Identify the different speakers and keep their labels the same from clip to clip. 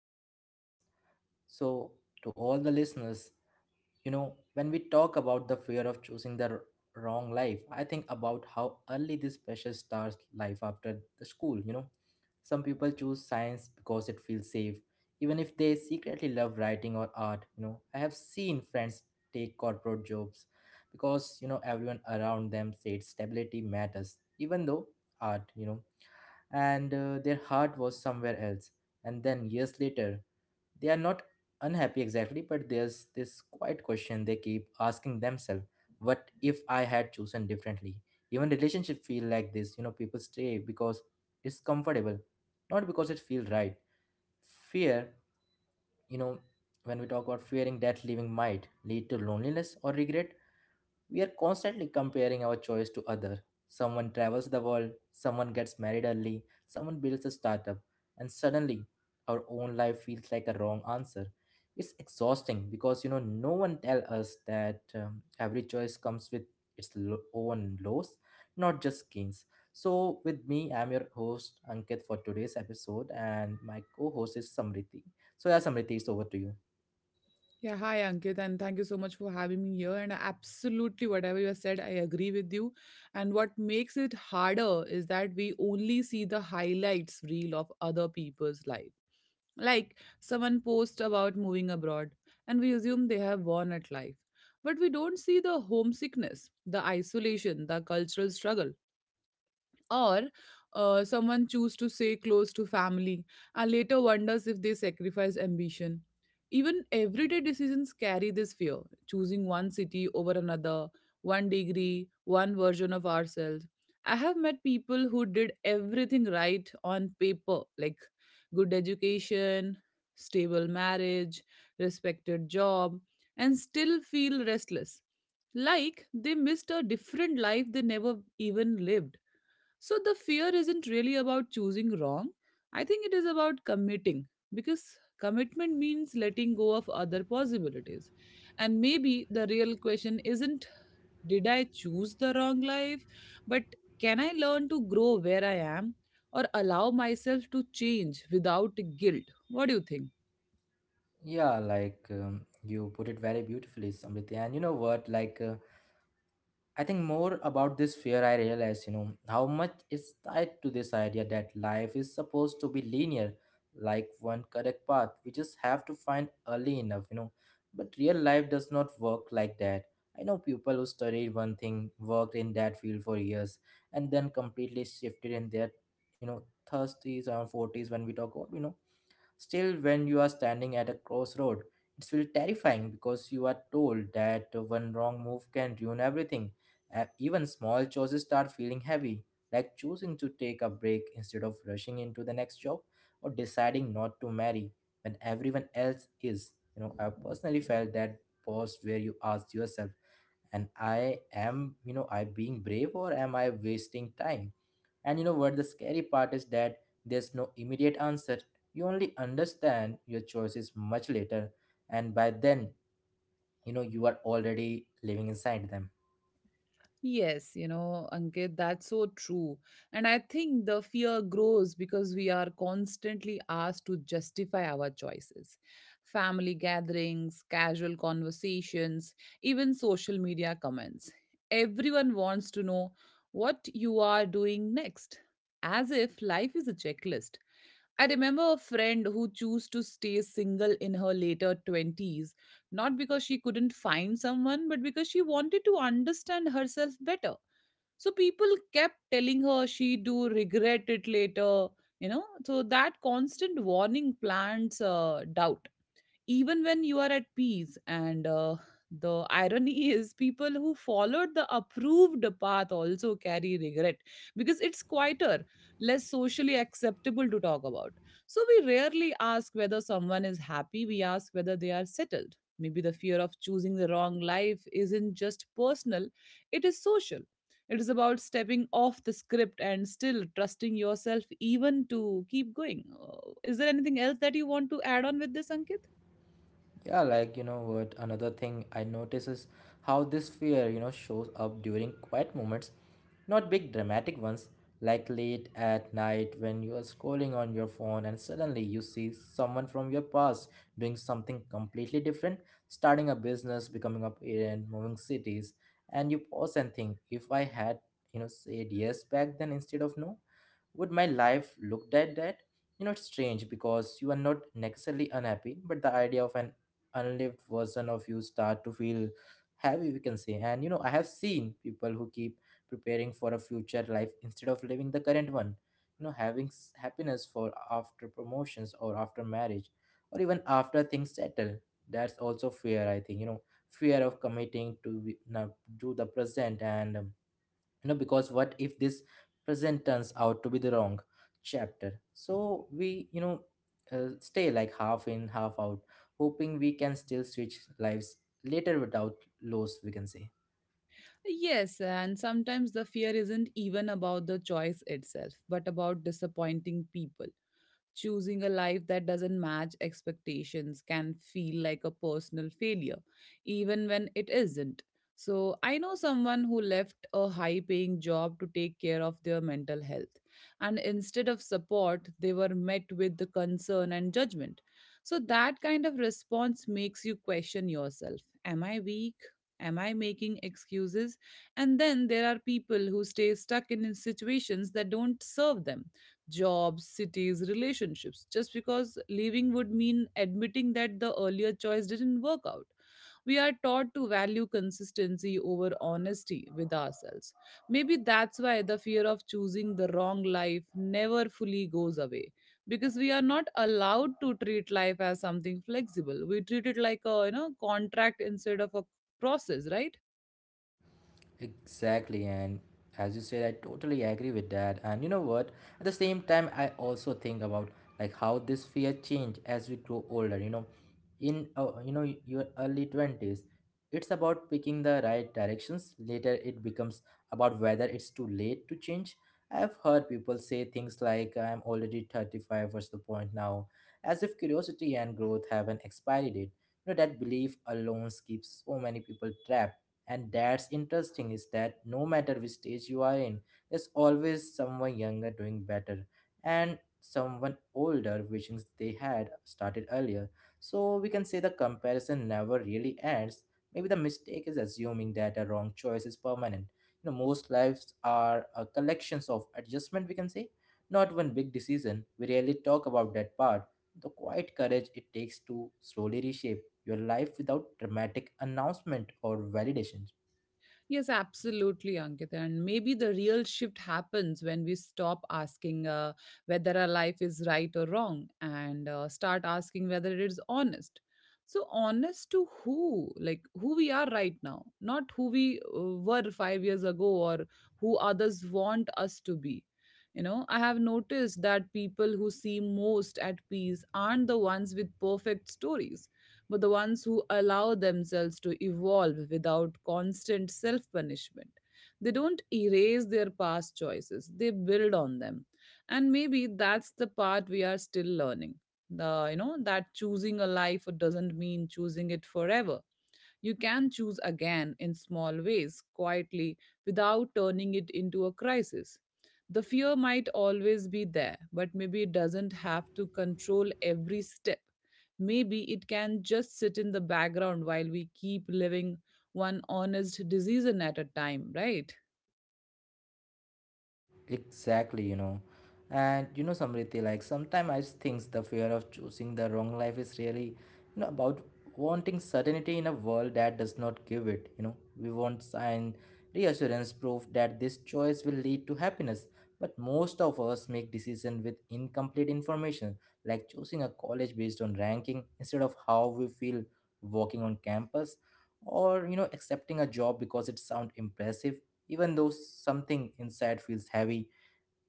Speaker 1: of our podcast. So, to all the listeners, when we talk about the fear of choosing the wrong life, I think about how early this pressure starts life after the school. Some people choose science because it feels safe, even if they secretly love writing or art. I have seen friends take corporate jobs because, everyone around them said stability matters, even though art, you know and their heart was somewhere else. And then years later, they are not unhappy exactly, but there's this quiet question they keep asking themselves: what if I had chosen differently? Even relationship feel like this. People stay because it's comfortable, not because it feels right. Fear, you know, when we talk about fearing that leaving might lead to loneliness or regret, we are constantly comparing our choice to other. Someone travels the world, someone gets married early, someone builds a startup, and suddenly our own life feels like a wrong answer. It's exhausting because no one tell us that every choice comes with its own loss, not just gains. So with me, I'm your host Ankit for today's episode, and my co-host is Samriti. So yeah, Samriti, it's over to you.
Speaker 2: Yeah, hi Ankit, and thank you so much for having me here. And absolutely, whatever you have said, I agree with you. And what makes it harder is that we only see the highlights reel of other people's life. Like someone posts about moving abroad, and we assume they have won at life. But we don't see the homesickness, the isolation, the cultural struggle, or someone choose to stay close to family and later wonders if they sacrifice ambition. Even everyday decisions carry this fear: choosing one city over another, one degree, one version of ourselves. I have met people who did everything right on paper, like good education, stable marriage, respected job, and still feel restless, like they missed a different life they never even lived. So the fear isn't really about choosing wrong. I think it is about committing, because commitment means letting go of other possibilities. And maybe the real question isn't did I choose the wrong life, but can I learn to grow where I am or allow myself to change without guilt? What do you think?
Speaker 1: Yeah, like you put it very beautifully, Samriti. And you know what? Like, I think more about this fear, I realize, how much is tied to this idea that life is supposed to be linear, like one correct path. We just have to find early enough. But real life does not work like that. I know people who studied one thing, worked in that field for years, and then completely shifted in their, you know, 30s or 40s when we talk about. Still, when you are standing at a crossroad, it's really terrifying because you are told that one wrong move can ruin everything. Even small choices start feeling heavy, like choosing to take a break instead of rushing into the next job or deciding not to marry when everyone else is. I personally felt that pause where you ask yourself, and I am, I being brave or am I wasting time? And you know what? The scary part is that there's no immediate answer. You only understand your choices much later, and by then, you are already living inside them.
Speaker 2: Yes, you know, Ankit, that's so true. And I think the fear grows because we are constantly asked to justify our choices. Family gatherings, casual conversations, even social media comments. Everyone wants to know what you are doing next, as if life is a checklist. I remember a friend who chose to stay single in her later 20s, not because she couldn't find someone, but because she wanted to understand herself better. So people kept telling her she do regret it later, you know. So that constant warning plants doubt, even when you are at peace. And the irony is, people who followed the approved path also carry regret because it's quieter, less socially acceptable to talk about. So we rarely ask whether someone is happy, we ask whether they are settled. Maybe the fear of choosing the wrong life isn't just personal, it is social. It is about stepping off the script and still trusting yourself even to keep going. Is there anything else that you want to add on with this, Ankit?
Speaker 1: Yeah, like you know what, another thing I notice is how this fear shows up during quiet moments, not big dramatic ones, like late at night when you are scrolling on your phone and suddenly you see someone from your past doing something completely different, starting a business, becoming a parent, moving cities, and you pause and think, if I had, said yes back then instead of no, would my life look like that? It's strange because you are not necessarily unhappy, but the idea of an unlived version of you start to feel heavy, we can say. And I have seen people who keep preparing for a future life instead of living the current one. Having happiness for after promotions or after marriage or even after things settle. That's also fear, I think. Fear of committing to be, not, to the present, and because what if this present turns out to be the wrong chapter, so we stay like half in half out, hoping we can still switch lives later without loss, we can say.
Speaker 2: Yes, and sometimes the fear isn't even about the choice itself, but about disappointing people. Choosing a life that doesn't match expectations can feel like a personal failure, even when it isn't. So, I know someone who left a high paying job to take care of their mental health, and instead of support, they were met with the concern and judgment. So, that kind of response makes you question yourself. Am I weak? Am I making excuses? And then there are people who stay stuck in situations that don't serve them: jobs, cities, relationships, just because leaving would mean admitting that the earlier choice didn't work out. We are taught to value consistency over honesty with ourselves. Maybe that's why the fear of choosing the wrong life never fully goes away, because we are not allowed to treat life as something flexible. We treat it like a, you know, contract instead of a process, right?
Speaker 1: Exactly, and as you said, I totally agree with that. And you know what? At the same time, I also think about like how this fear change as we grow older. In your early 20s, it's about picking the right directions. Later, it becomes about whether it's too late to change. I've heard people say things like, "I'm already 35. What's the point now?" As if curiosity and growth have an expiry date. You know that belief alone keeps so many people trapped, and that's interesting is that no matter which stage you are in, there's always someone younger doing better and someone older wishing they had started earlier. So we can say the comparison never really ends. Maybe the mistake is assuming that a wrong choice is permanent. Most lives are a collections of adjustment, we can say, not one big decision. We rarely talk about that part. The quiet courage it takes to slowly reshape your life without dramatic announcement or validation.
Speaker 2: Yes, absolutely, Ankita. And maybe the real shift happens when we stop asking whether our life is right or wrong and start asking whether it is honest. So, honest to who? Like who we are right now, not who we were 5 years ago or who others want us to be. You know, I have noticed that people who seem most at peace aren't the ones with perfect stories, but the ones who allow themselves to evolve without constant self punishment. They don't erase their past choices, they build on them. And maybe that's the part we are still learning. The, you know, that choosing a life doesn't mean choosing it forever. You can choose again in small ways, quietly, without turning it into a crisis. The fear might always be there, but maybe it doesn't have to control every step. Maybe it can just sit in the background while we keep living, one honest decision at a time, right?
Speaker 1: Exactly. And Samriti, like sometimes I think the fear of choosing the wrong life is really, about wanting certainty in a world that does not give it. We want sign, reassurance, proof that this choice will lead to happiness. But most of us make decisions with incomplete information, like choosing a college based on ranking instead of how we feel walking on campus, or accepting a job because it sounds impressive, even though something inside feels heavy.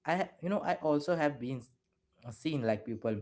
Speaker 1: I you know i also have been seen, like, people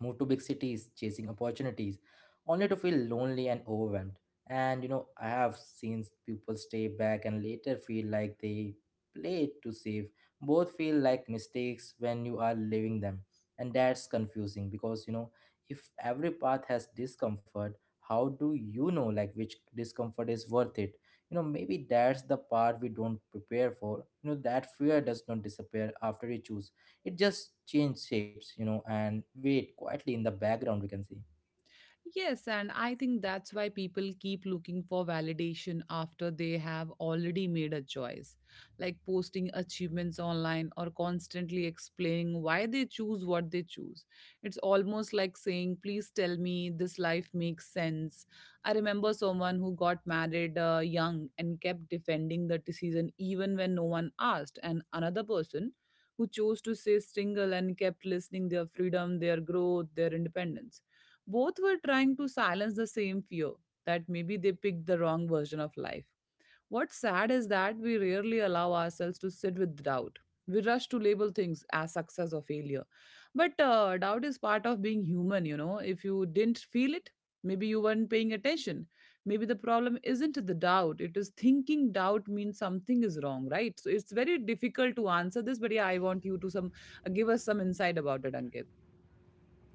Speaker 1: move to big cities chasing opportunities only to feel lonely and overwhelmed. And I have seen people stay back and later feel like they played to save. Both feel like mistakes when you are living them. And that's confusing because, if every path has discomfort, how do you know, like, which discomfort is worth it? Maybe that's the part we don't prepare for, that fear does not disappear after you choose it. It just changed shapes, and wait quietly in the background, we can see.
Speaker 2: Yes, and I think that's why people keep looking for validation after they have already made a choice, like posting achievements online or constantly explaining why they choose what they choose. It's almost like saying, "Please tell me this life makes sense." I remember someone who got married young and kept defending the decision even when no one asked, and another person who chose to stay single and kept listening their freedom, their growth, their independence. Both were trying to silence the same fear, that maybe they picked the wrong version of life. What's sad is that we rarely allow ourselves to sit with doubt. We rush to label things as success or failure. But doubt is part of being human, you know. If you didn't feel it, maybe you weren't paying attention. Maybe the problem isn't the doubt, it is thinking doubt means something is wrong, right? So it's very difficult to answer this, but yeah, I want you to some, give us some insight about it, Ankit.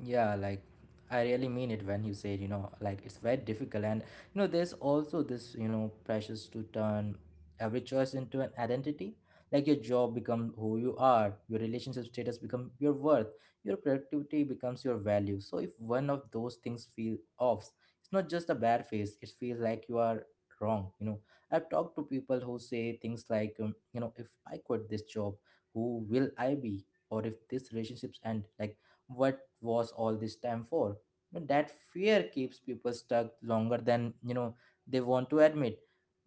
Speaker 1: Yeah, like I really mean it when you say, it's very difficult. And, there's also this, pressures to turn every choice into an identity. Like your job become who you are, your relationship status become your worth, your productivity becomes your value. So if one of those things feel off, it's not just a bad phase, it feels like you are wrong. I've talked to people who say things like, if I quit this job, who will I be? Or if this relationships end, like what was all this time for, but that fear keeps people stuck longer than they want to admit.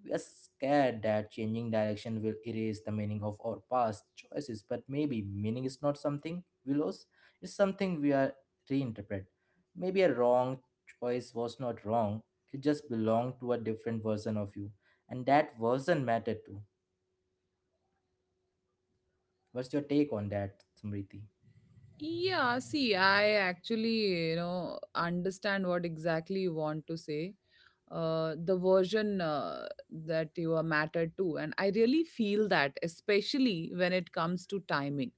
Speaker 1: We are scared that changing direction will erase the meaning of our past choices, but maybe meaning is not something we lose, it's something we are reinterpret. Maybe a wrong choice was not wrong, it just belonged to a different version of you, and that version mattered too. What's your take on that, Samriti?
Speaker 2: Yeah, see, I actually, you know, understand what exactly you want to say. The version that you are mattered to. And I really feel that, especially when it comes to timing.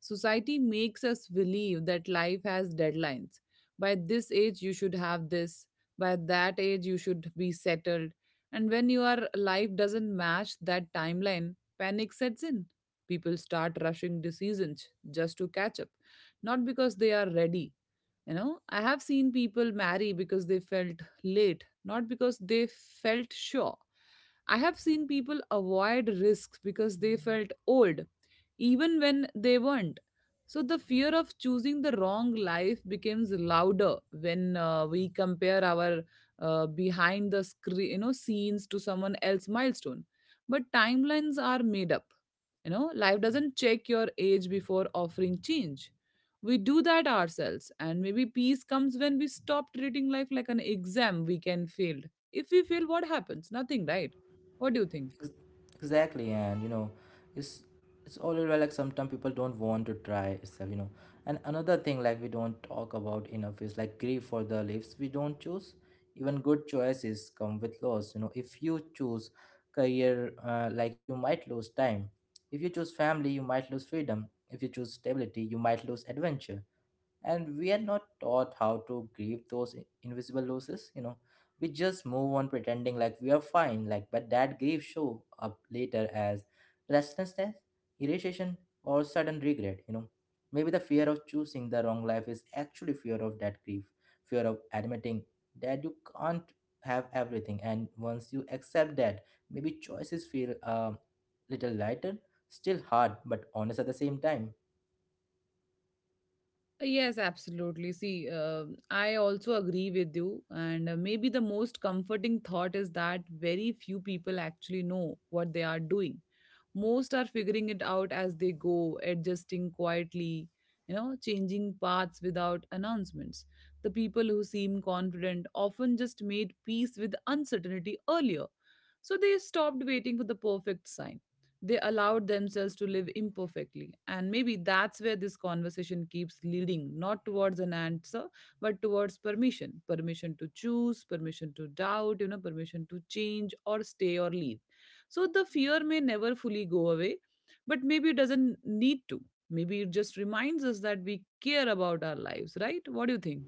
Speaker 2: Society makes us believe that life has deadlines. By this age, you should have this. By that age, you should be settled. And when your life doesn't match that timeline, panic sets in. People start rushing decisions just to catch up, not because they are ready. You know, I have seen people marry because they felt late, not because they felt sure. I have seen people avoid risks because they felt old, even when they weren't. So the fear of choosing the wrong life becomes louder when we compare our behind the screen, you know, scenes to someone else milestone. But timelines are made up. You know, life doesn't check your age before offering change. We do that ourselves. And maybe peace comes when we stop treating life like an exam we can fail. If we fail, what happens? Nothing, right? What do you think?
Speaker 1: Exactly, and it's it's already, like sometimes people don't want to try itself. And another thing, like, we don't talk about enough is like grief for the lives we don't choose. Even good choices come with loss, you know. If you choose career, like you might lose time. If you choose family, you might lose freedom. If you choose stability, you might lose adventure. And we are not taught how to grieve those invisible losses, you know. We just move on pretending like we are fine, like, but that grief show up later as restlessness, irritation, or sudden regret, you know. Maybe the fear of choosing the wrong life is actually fear of that grief, fear of admitting that you can't have everything. And once you accept that, maybe choices feel a little lighter, still hard but honest at the same time.
Speaker 2: Yes, absolutely. See, I also agree with you. And maybe the most comforting thought is that very few people actually know what they are doing. Most are figuring it out as they go, adjusting quietly, you know, changing paths without announcements. The people who seem confident often just made peace with uncertainty earlier. So they stopped waiting for the perfect sign, they allowed themselves to live imperfectly. And maybe that's where this conversation keeps leading, not towards an answer, but towards permission: permission to choose, permission to doubt, you know, permission to change or stay or leave. So the fear may never fully go away, but maybe it doesn't need to. Maybe it just reminds us that we care about our lives, right? What do you think?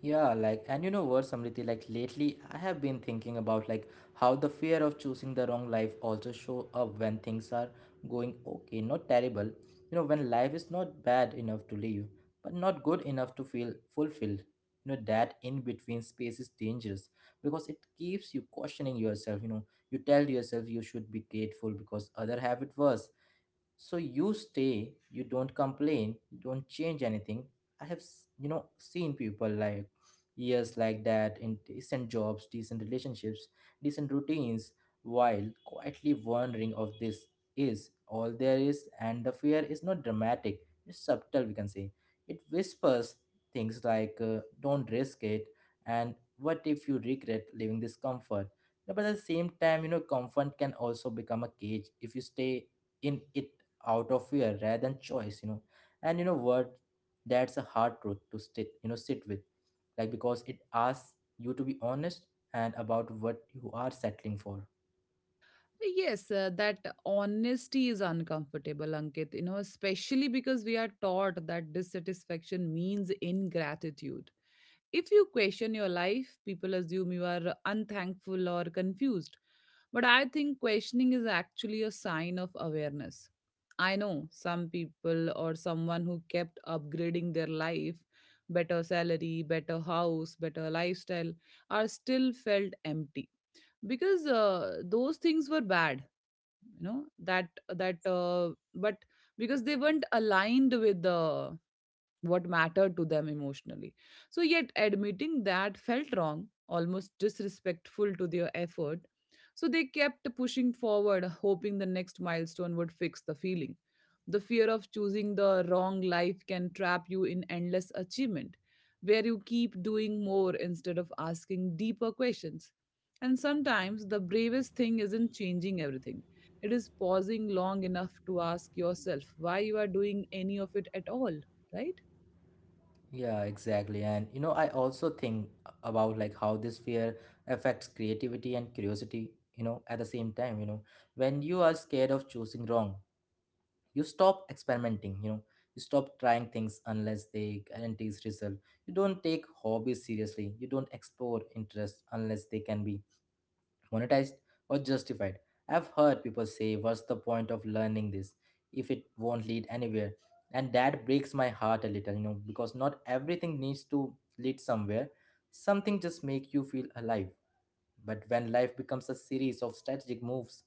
Speaker 1: Yeah, like, and you know what, Samriti, like lately I have been thinking about, like, how the fear of choosing the wrong life also show up when things are going okay, not terrible. When life is not bad enough to live, but not good enough to feel fulfilled. That in between space is dangerous because it keeps you questioning yourself. You know, you tell yourself you should be grateful because other have it worse, so you stay, you don't complain, you don't change anything. I have seen people like years like that in decent jobs, decent relationships, decent routines, while quietly wondering of this is all there is. And the fear is not dramatic, it's subtle we can say. It whispers things like don't risk it, and what if you regret leaving this comfort. No, but at the same time, you know, comfort can also become a cage if you stay in it out of fear rather than choice, you know. And you know what, that's a hard truth to stick, sit with, like, because it asks you to be honest, and about what you are settling for.
Speaker 2: Yes, that honesty is uncomfortable, Ankit, you know, especially because we are taught that dissatisfaction means ingratitude. If you question your life, people assume you are unthankful or confused. But I think questioning is actually a sign of awareness. I know some people, or someone, who kept upgrading their life: better salary, better house, better lifestyle, are still felt empty because those things were bad, you know, that that but because they weren't aligned with the what mattered to them emotionally. So, yet admitting that felt wrong, almost disrespectful to their effort. So, they kept pushing forward, hoping the next milestone would fix the feeling. The fear of choosing the wrong life can trap you in endless achievement, where you keep doing more instead of asking deeper questions. And sometimes the bravest thing isn't changing everything. It is pausing long enough to ask yourself why you are doing any of it at all, right?
Speaker 1: Yeah, exactly. And you know, I also think about like how this fear affects creativity and curiosity, you know, at the same time, you know, when you are scared of choosing wrong, you stop experimenting, you know, you stop trying things unless they guarantees result. You don't take hobbies seriously, you don't explore interests unless they can be monetized or justified. I've heard people say, what's the point of learning this if it won't lead anywhere? And that breaks my heart a little, you know, because not everything needs to lead somewhere. Something just make you feel alive. But when life becomes a series of strategic moves,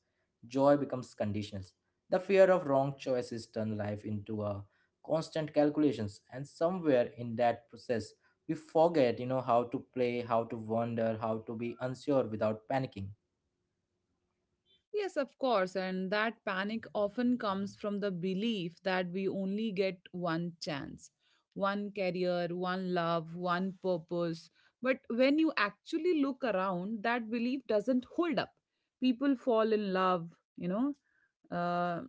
Speaker 1: joy becomes conditional. The fear of wrong choices turn life into a constant calculations, and somewhere in that process, we forget, you know, how to play, how to wander, how to be unsure without panicking.
Speaker 2: Yes, of course. And that panic often comes from the belief that we only get one chance, one career, one love, one purpose. But when you actually look around, that belief doesn't hold up. People fall in love, you know, uh,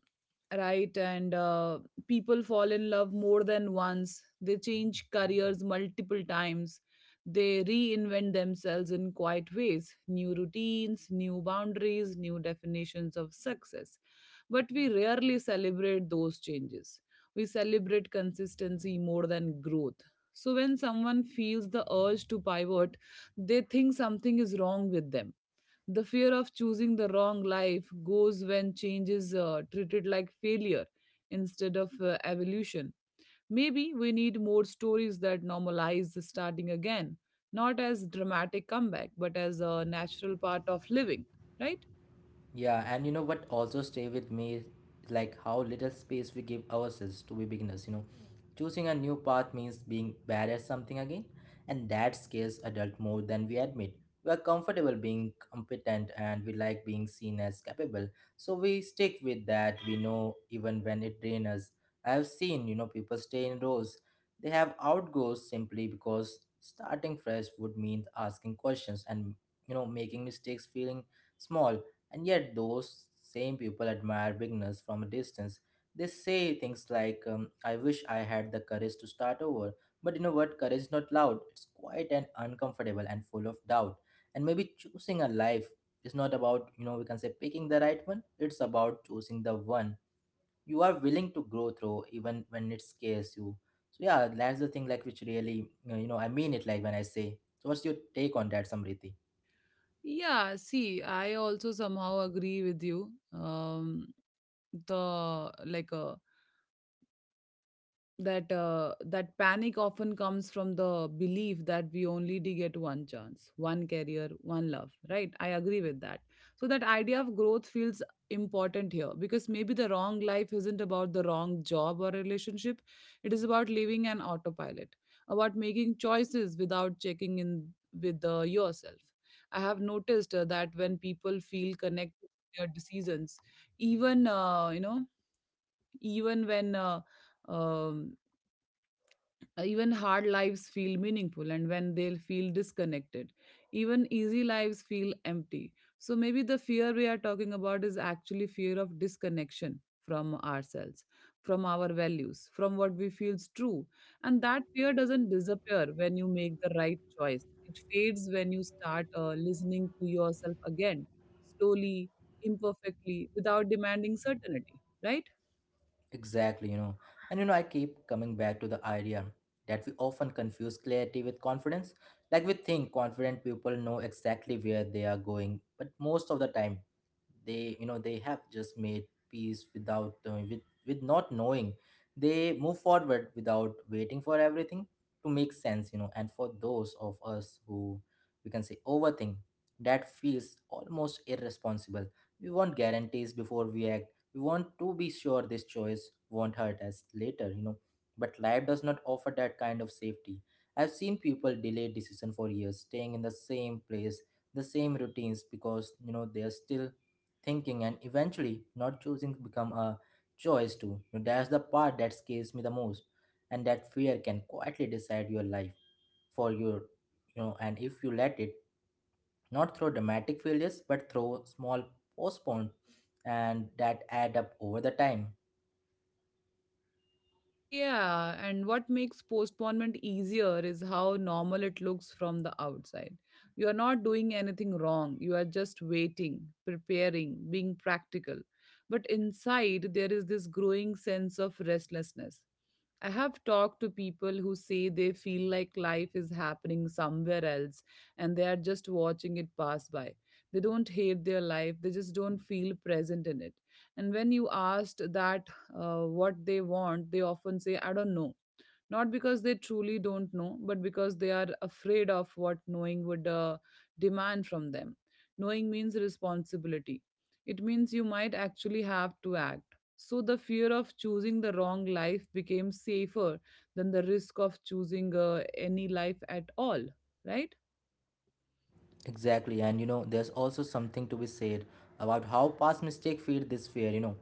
Speaker 2: right? And people fall in love more than once. They change careers multiple times, they reinvent themselves in quiet ways: new routines, new boundaries, new definitions of success. But we rarely celebrate those changes. We celebrate consistency more than growth. So when someone feels the urge to pivot, they think something is wrong with them. The fear of choosing the wrong life goes when change is treated like failure instead of evolution. Maybe we need more stories that normalize the starting again, not as dramatic comeback, but as a natural part of living, right?
Speaker 1: Yeah, and you know what also stay with me is like how little space we give ourselves to be beginners, you know. Choosing a new path means being bad at something again, and that scares adult more than we admit. We are comfortable being competent and we like being seen as capable. So we stick with that we know even when it drains us. I have seen, you know, people stay in rows. They have outgoes simply because starting fresh would mean asking questions and, you know, making mistakes, feeling small. And yet, those same people admire beginners from a distance. They say things like, I wish I had the courage to start over. But you know what? Courage is not loud, it's quiet and uncomfortable and full of doubt. And maybe choosing a life is not about, you know, we can say picking the right one, it's about choosing the one you are willing to grow through, even when it scares you. So, yeah, that's the thing, like, which really, you know, I mean it, like, when I say. So, what's your take on that, Samriti?
Speaker 2: Yeah, see, I also somehow agree with you. The like a that panic often comes from the belief that we only did get one chance, one career, one love, right? I agree with that. So that idea of growth feels important here because maybe the wrong life isn't about the wrong job or relationship. It is about living an autopilot, about making choices without checking in with yourself. I have noticed that when people feel connected to their decisions, even you know even when um, even hard lives feel meaningful, and when they feel disconnected, even easy lives feel empty. So maybe the fear we are talking about is actually fear of disconnection from ourselves, from our values, from what we feels true. And that fear doesn't disappear when you make the right choice. It fades when you start listening to yourself again, slowly, imperfectly, without demanding certainty, right?
Speaker 1: Exactly, you know. And you know, I keep coming back to the idea that we often confuse clarity with confidence. Like we think confident people know exactly where they are going, but most of the time they have just made peace with with not knowing. They move forward without waiting for everything to make sense, you know. And for those of us who we can say overthink, that feels almost irresponsible. We want guarantees before we act, we want to be sure this choice won't hurt us later, you know, but life does not offer that kind of safety. I've seen people delay decision for years, staying in the same place, the same routines, because you know they are still thinking, and eventually not choosing become a choice too. You know, that's the part that scares me the most, and that fear can quietly decide your life for your, you know, and if you let it, not through dramatic failures but through small postponed, and that add up over the time.
Speaker 2: Yeah, and what makes postponement easier is how normal it looks from the outside. You are not doing anything wrong, you are just waiting, preparing, being practical. But inside, there is this growing sense of restlessness. I have talked to people who say they feel like life is happening somewhere else and they are just watching it pass by. They don't hate their life, they just don't feel present in it. And when you asked that what they want, they often say, I don't know, not because they truly don't know, but because they are afraid of what knowing would demand from them. Knowing means responsibility, it means you might actually have to act. So, the fear of choosing the wrong life became safer than the risk of choosing any life at all, right?
Speaker 1: Exactly, and you know, there's also something to be said about how past mistakes feed this fear. You know,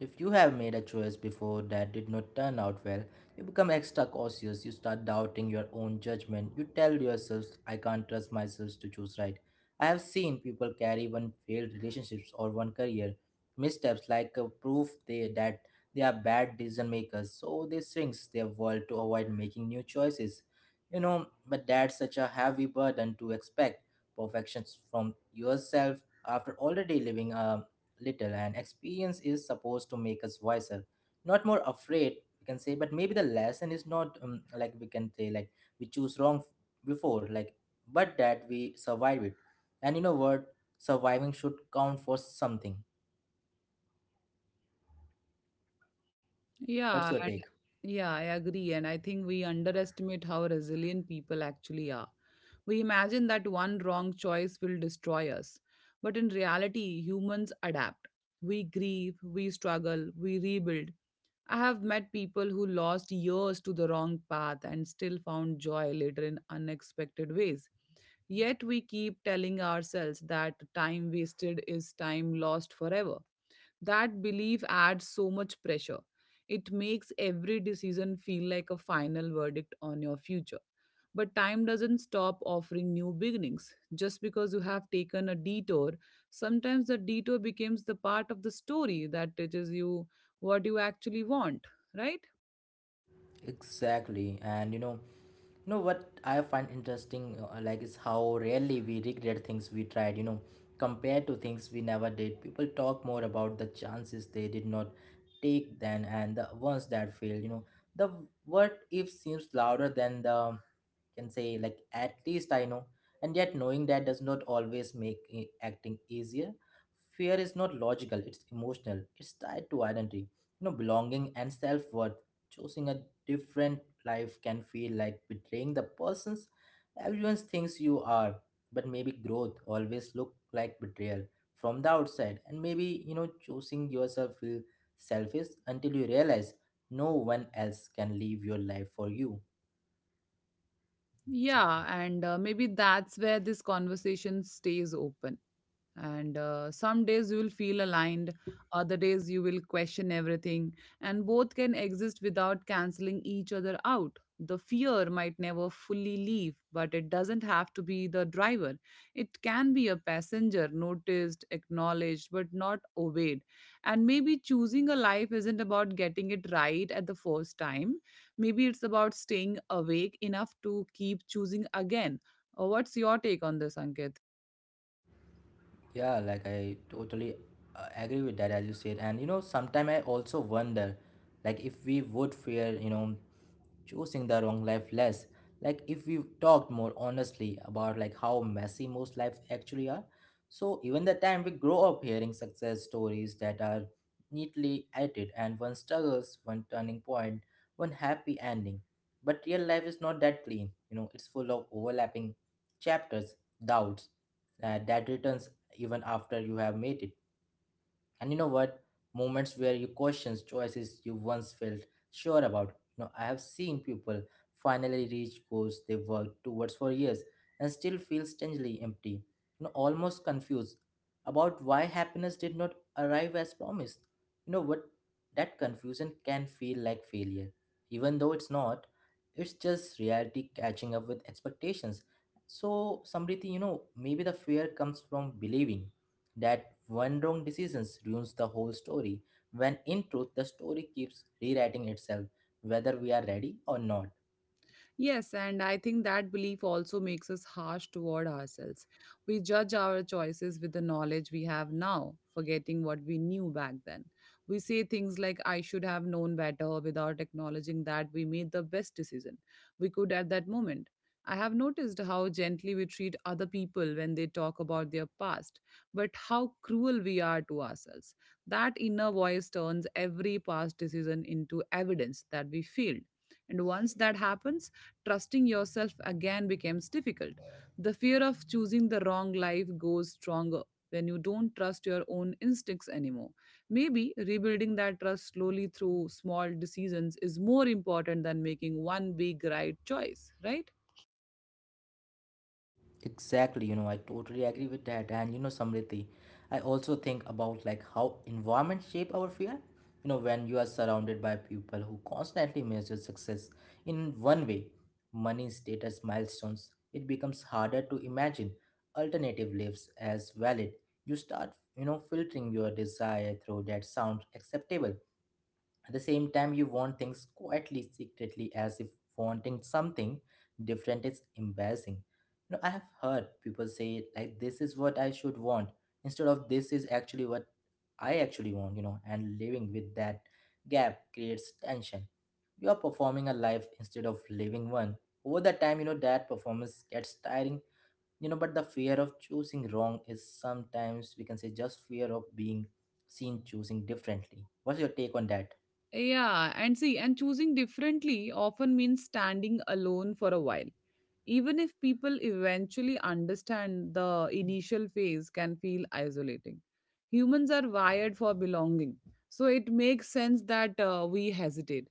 Speaker 1: if you have made a choice before that did not turn out well, you become extra cautious, you start doubting your own judgment, you tell yourself, I can't trust myself to choose right. I have seen people carry one failed relationships or one career missteps like a proof they that they are bad decision makers, so they shrinks their world to avoid making new choices. You know, but that's such a heavy burden to expect perfections from yourself after already living a little. And experience is supposed to make us wiser, not more afraid, we can say. But maybe the lesson is not like we can say like we choose wrong f- before like, but that we survive it. And you know what, surviving should count for something. What's your
Speaker 2: Yeah,
Speaker 1: take?
Speaker 2: Yeah, I agree. And I think we underestimate how resilient people actually are. We imagine that one wrong choice will destroy us. But in reality, humans adapt. We grieve, we struggle, we rebuild. I have met people who lost years to the wrong path and still found joy later in unexpected ways. Yet we keep telling ourselves that time wasted is time lost forever. That belief adds so much pressure. It makes every decision feel like a final verdict on your future. But time doesn't stop offering new beginnings. Just because you have taken a detour, sometimes the detour becomes the part of the story that teaches you what you actually want, right?
Speaker 1: Exactly, and you know what I find interesting, like, is how rarely we regret things we tried. You know, compared to things we never did, people talk more about the chances they did not take than and the ones that failed. You know, the what if seems louder than the can say like at least I know, and yet knowing that does not always make acting easier. Fear is not logical; it's emotional. It's tied to identity, you know, belonging and self worth. Choosing a different life can feel like betraying the persons everyone thinks you are, but maybe growth always look like betrayal from the outside, and maybe, you know, choosing yourself feel selfish until you realize no one else can live your life for you.
Speaker 2: Yeah, and maybe that's where this conversation stays open, and some days you will feel aligned, other days you will question everything, and both can exist without canceling each other out. The fear might never fully leave, but it doesn't have to be the driver. It can be a passenger, noticed, acknowledged, but not obeyed. And maybe choosing a life isn't about getting it right at the first time. Maybe it's about staying awake enough to keep choosing again. What's your take on this, Ankit?
Speaker 1: Yeah, like I totally agree with that, as you said. And you know, sometimes I also wonder, like, if we would fear, you know, choosing the wrong life less. Like, if we talked more honestly about like how messy most lives actually are. So even the time we grow up hearing success stories that are neatly edited and one struggles, one turning point, one happy ending. But real life is not that clean. You know, it's full of overlapping chapters, doubts, that returns even after you have made it. And you know what? Moments where you questions choices you once felt sure about. You know, I have seen people finally reach goals they worked towards for years and still feel strangely empty, you know, almost confused about why happiness did not arrive as promised. You know what? That confusion can feel like failure, even though it's not. It's just reality catching up with expectations. So, Samriti, you know, maybe the fear comes from believing that one wrong decision ruins the whole story when in truth the story keeps rewriting itself whether we are ready or not.
Speaker 2: Yes, and I think that belief also makes us harsh toward ourselves. We judge our choices with the knowledge we have now, forgetting what we knew back then. We say things like, I should have known better, without acknowledging that we made the best decision we could at that moment. I have noticed how gently we treat other people when they talk about their past, but how cruel we are to ourselves. That inner voice turns every past decision into evidence that we failed. And once that happens, trusting yourself again becomes difficult. The fear of choosing the wrong life goes stronger when you don't trust your own instincts anymore. Maybe rebuilding that trust slowly through small decisions is more important than making one big right choice, right?
Speaker 1: Exactly, you know, I totally agree with that. And you know, Samriti, I also think about like how environment shape our fear. You know, when you are surrounded by people who constantly measure success in one way, money, status, milestones, it becomes harder to imagine alternative lives as valid. You start, you know, filtering your desire through that sound acceptable. At the same time, you want things quietly, secretly, as if wanting something different is embarrassing. You know, I have heard people say like, this is what I should want, instead of this is actually what I actually want, you know, and living with that gap creates tension. You are performing a life instead of living one. Over the time, you know, that performance gets tiring, you know, but the fear of choosing wrong is sometimes we can say just fear of being seen choosing differently. What's your take on that?
Speaker 2: Yeah, and see, and choosing differently often means standing alone for a while. Even if people eventually understand, the initial phase can feel isolating. Humans are wired for belonging, so it makes sense that we hesitate.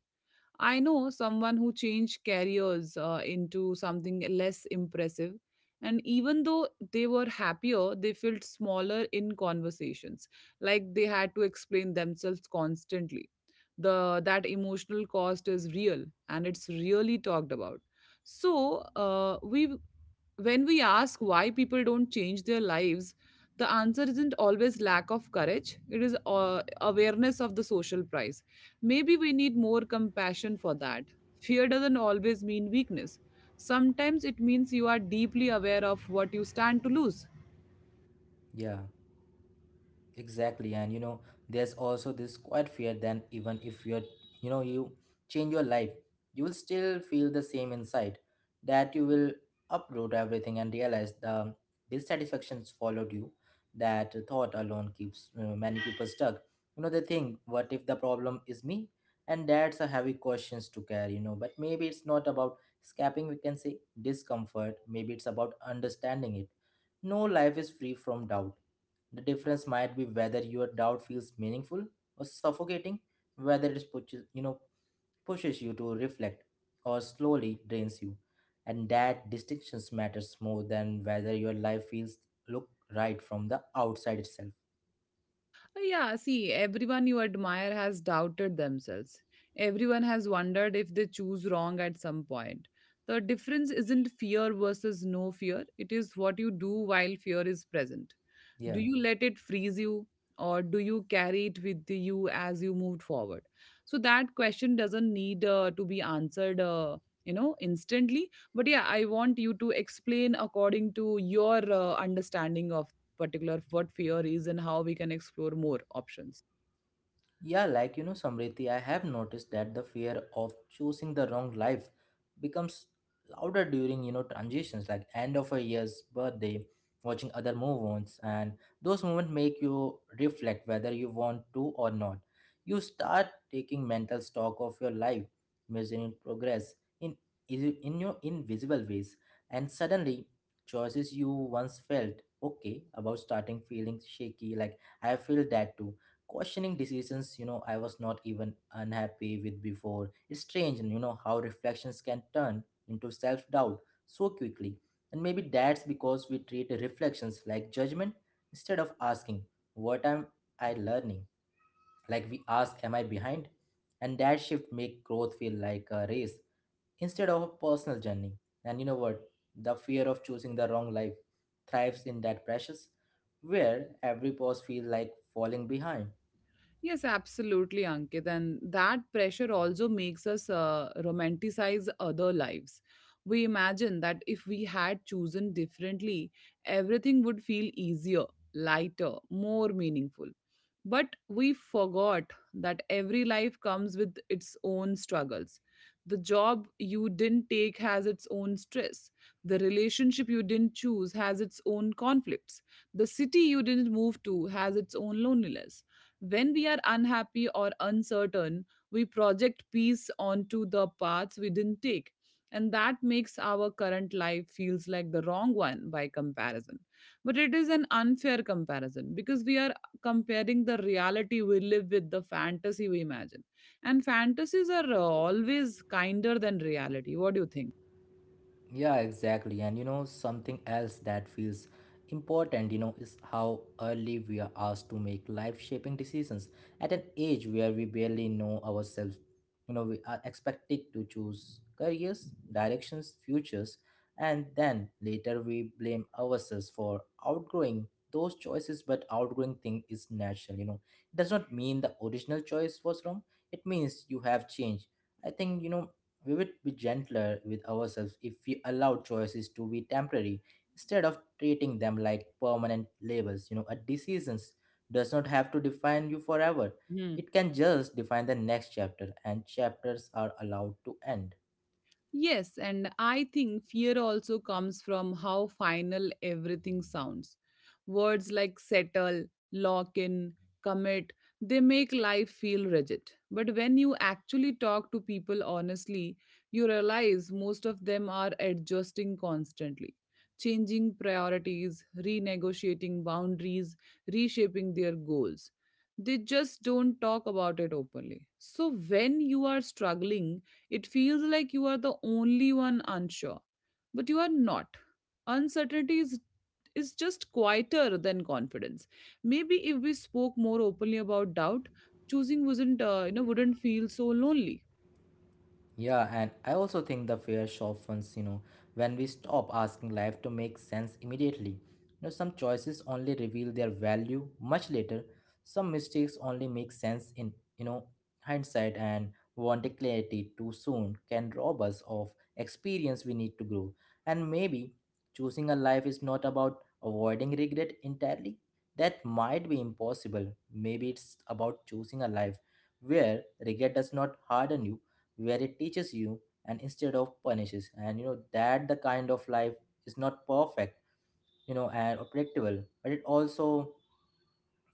Speaker 2: I know someone who changed careers into something less impressive, and even though they were happier, they felt smaller in conversations, like they had to explain themselves constantly. The That emotional cost is real and it's really talked about. So we when we ask why people don't change their lives, the answer isn't always lack of courage, it is awareness of the social price. Maybe we need more compassion for that. Fear doesn't always mean weakness, sometimes it means you are deeply aware of what you stand to lose.
Speaker 1: Yeah. Exactly, and you know, there's also this quiet fear then even if you change your life, you will still feel the same inside, that you will uproot everything and realize the dissatisfactions followed you. That thought alone keeps many people stuck. You know, they think, what if the problem is me? And that's a heavy questions to carry, you know. But maybe it's not about escaping, we can say, discomfort. Maybe it's about understanding it. No life is free from doubt. The difference might be whether your doubt feels meaningful or suffocating, whether it pushes, you know, pushes you to reflect or slowly drains you. And that distinction matters more than whether your life feels look right from the outside itself.
Speaker 2: Yeah, see, everyone you admire has doubted themselves. Everyone has wondered if they choose wrong at some point. The difference isn't fear versus no fear, it is what you do while fear is present. Do
Speaker 1: Yeah.
Speaker 2: you let it freeze you, or do you carry it with you as you moved forward? So, that question doesn't need to be answered you know instantly, but yeah, I want you to explain according to your understanding of particular what fear is and how we can explore more options.
Speaker 1: Yeah, like, you know, Samriti, I have noticed that the fear of choosing the wrong life becomes louder during, you know, transitions like end of a year's birthday, watching other move ons, and those moments make you reflect whether you want to or not. You start taking mental stock of your life, measuring progress in in your invisible ways, and suddenly choices you once felt okay about starting feeling shaky, like I feel that too, questioning decisions, you know, I was not even unhappy with before. It's strange, and you know how reflections can turn into self-doubt so quickly. And maybe that's because we treat reflections like judgment instead of asking, what am I learning? Like, we ask, am I behind? And that shift make growth feel like a race instead of a personal journey. And you know what, the fear of choosing the wrong life thrives in that precious where every pause feels like falling behind.
Speaker 2: Yes, absolutely, Ankit. And that pressure also makes us romanticize other lives. We imagine that if we had chosen differently, everything would feel easier, lighter, more meaningful. But we forgot that every life comes with its own struggles. The job you didn't take has its own stress. The relationship you didn't choose has its own conflicts. The city you didn't move to has its own loneliness. When we are unhappy or uncertain, we project peace onto the paths we didn't take. And that makes our current life feels like the wrong one by comparison. But it is an unfair comparison because we are comparing the reality we live with the fantasy we imagine. And fantasies are always kinder than reality. What do you think?
Speaker 1: Yeah, exactly. And you know, something else that feels important, you know, is how early we are asked to make life shaping decisions at an age where we barely know ourselves. You know, we are expected to choose careers, directions, futures, and then later we blame ourselves for outgrowing those choices. But outgrowing thing is natural, you know. It does not mean the original choice was wrong, it means you have changed. I think, you know, we would be gentler with ourselves if we allowed choices to be temporary instead of treating them like permanent labels. A decision does not have to define you forever, it can just define the next chapter, and chapters are allowed to end.
Speaker 2: Yes, and I think fear also comes from how final everything sounds. Words like settle, lock in, commit, they make life feel rigid. But when you actually talk to people honestly, you realize most of them are adjusting constantly, changing priorities, renegotiating boundaries, reshaping their goals. They just don't talk about it openly. So when you are struggling, it feels like you are the only one unsure, but you are not. Uncertainty is just quieter than confidence. Maybe if we spoke more openly about doubt, choosing wouldn't wouldn't feel so lonely.
Speaker 1: Yeah, and I also think the fear softens, when we stop asking life to make sense immediately. Some choices only reveal their value much later. Some mistakes only make sense in hindsight, and wanting clarity too soon can rob us of experience we need to grow. And maybe choosing a life is not about avoiding regret entirely. That might be impossible. Maybe it's about choosing a life where regret does not harden you, where it teaches you and instead of punishes, and you know that the kind of life is not perfect, you know, and predictable, but it also,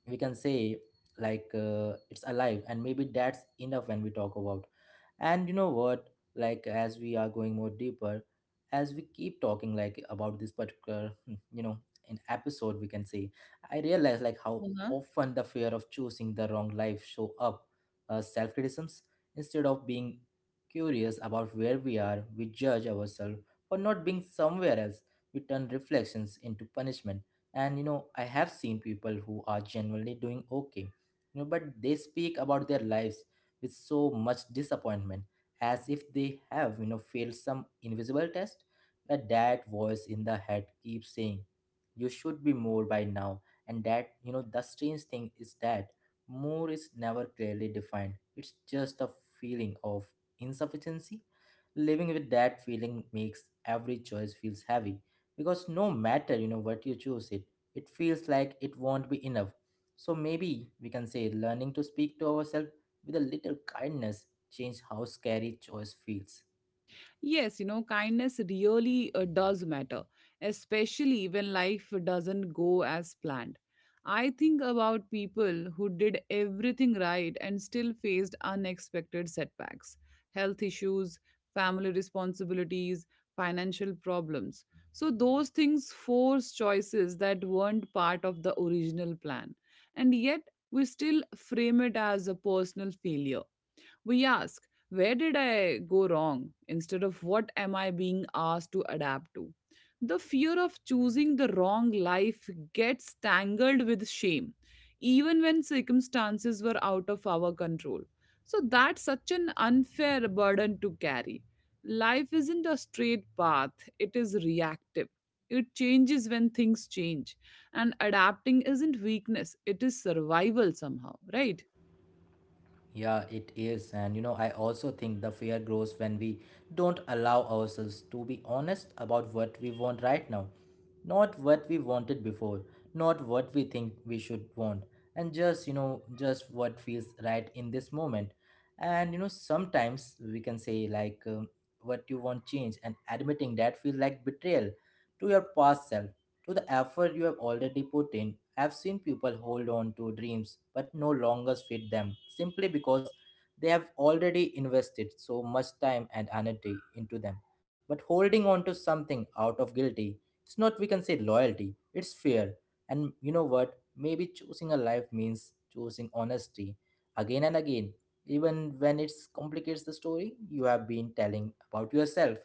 Speaker 1: we can say, like, it's alive, and maybe that's enough. When we talk about, and you know what, like, as we are going more deeper, as we keep talking, like, about this particular, in episode, we can say, I realize like how
Speaker 2: Uh-huh.
Speaker 1: often the fear of choosing the wrong life show up, self-criticisms. Instead of being curious about where we are, we judge ourselves for not being somewhere else. We turn reflections into punishment. And I have seen people who are genuinely doing okay, but they speak about their lives with so much disappointment, as if they have, failed some invisible test. But that voice in the head keeps saying, "You should be more by now." And that, the strange thing is that more is never clearly defined. It's just a feeling of insufficiency. Living with that feeling makes every choice feels heavy, because no matter, you know, what you choose, it feels like it won't be enough. So maybe we can say, learning to speak to ourselves with a little kindness change how scary choice feels.
Speaker 2: Yes, you know, kindness really does matter, especially when life doesn't go as planned. I think about people who did everything right and still faced unexpected setbacks, health issues, family responsibilities, financial problems. So, those things force choices that weren't part of the original plan. And yet, we still frame it as a personal failure. We ask, where did I go wrong? Instead of what am I being asked to adapt to. The fear of choosing the wrong life gets tangled with shame, even when circumstances were out of our control. So that's such an unfair burden to carry. Life isn't a straight path, it is reactive. It changes when things change. And adapting isn't weakness, it is survival somehow, right?
Speaker 1: Yeah, it is. And I also think the fear grows when we don't allow ourselves to be honest about what we want right now. Not what we wanted before, not what we think we should want, and just, just what feels right in this moment. And you know, sometimes we can say, like, what you want change, and admitting that feels like betrayal to your past self, to the effort you have already put in. I've seen people hold on to dreams but no longer fit them simply because they have already invested so much time and energy into them. But holding on to something out of guilty, it's not, we can say, loyalty, it's fear. And you know what? Maybe choosing a life means choosing honesty again and again, even when it complicates the story you have been telling about yourself.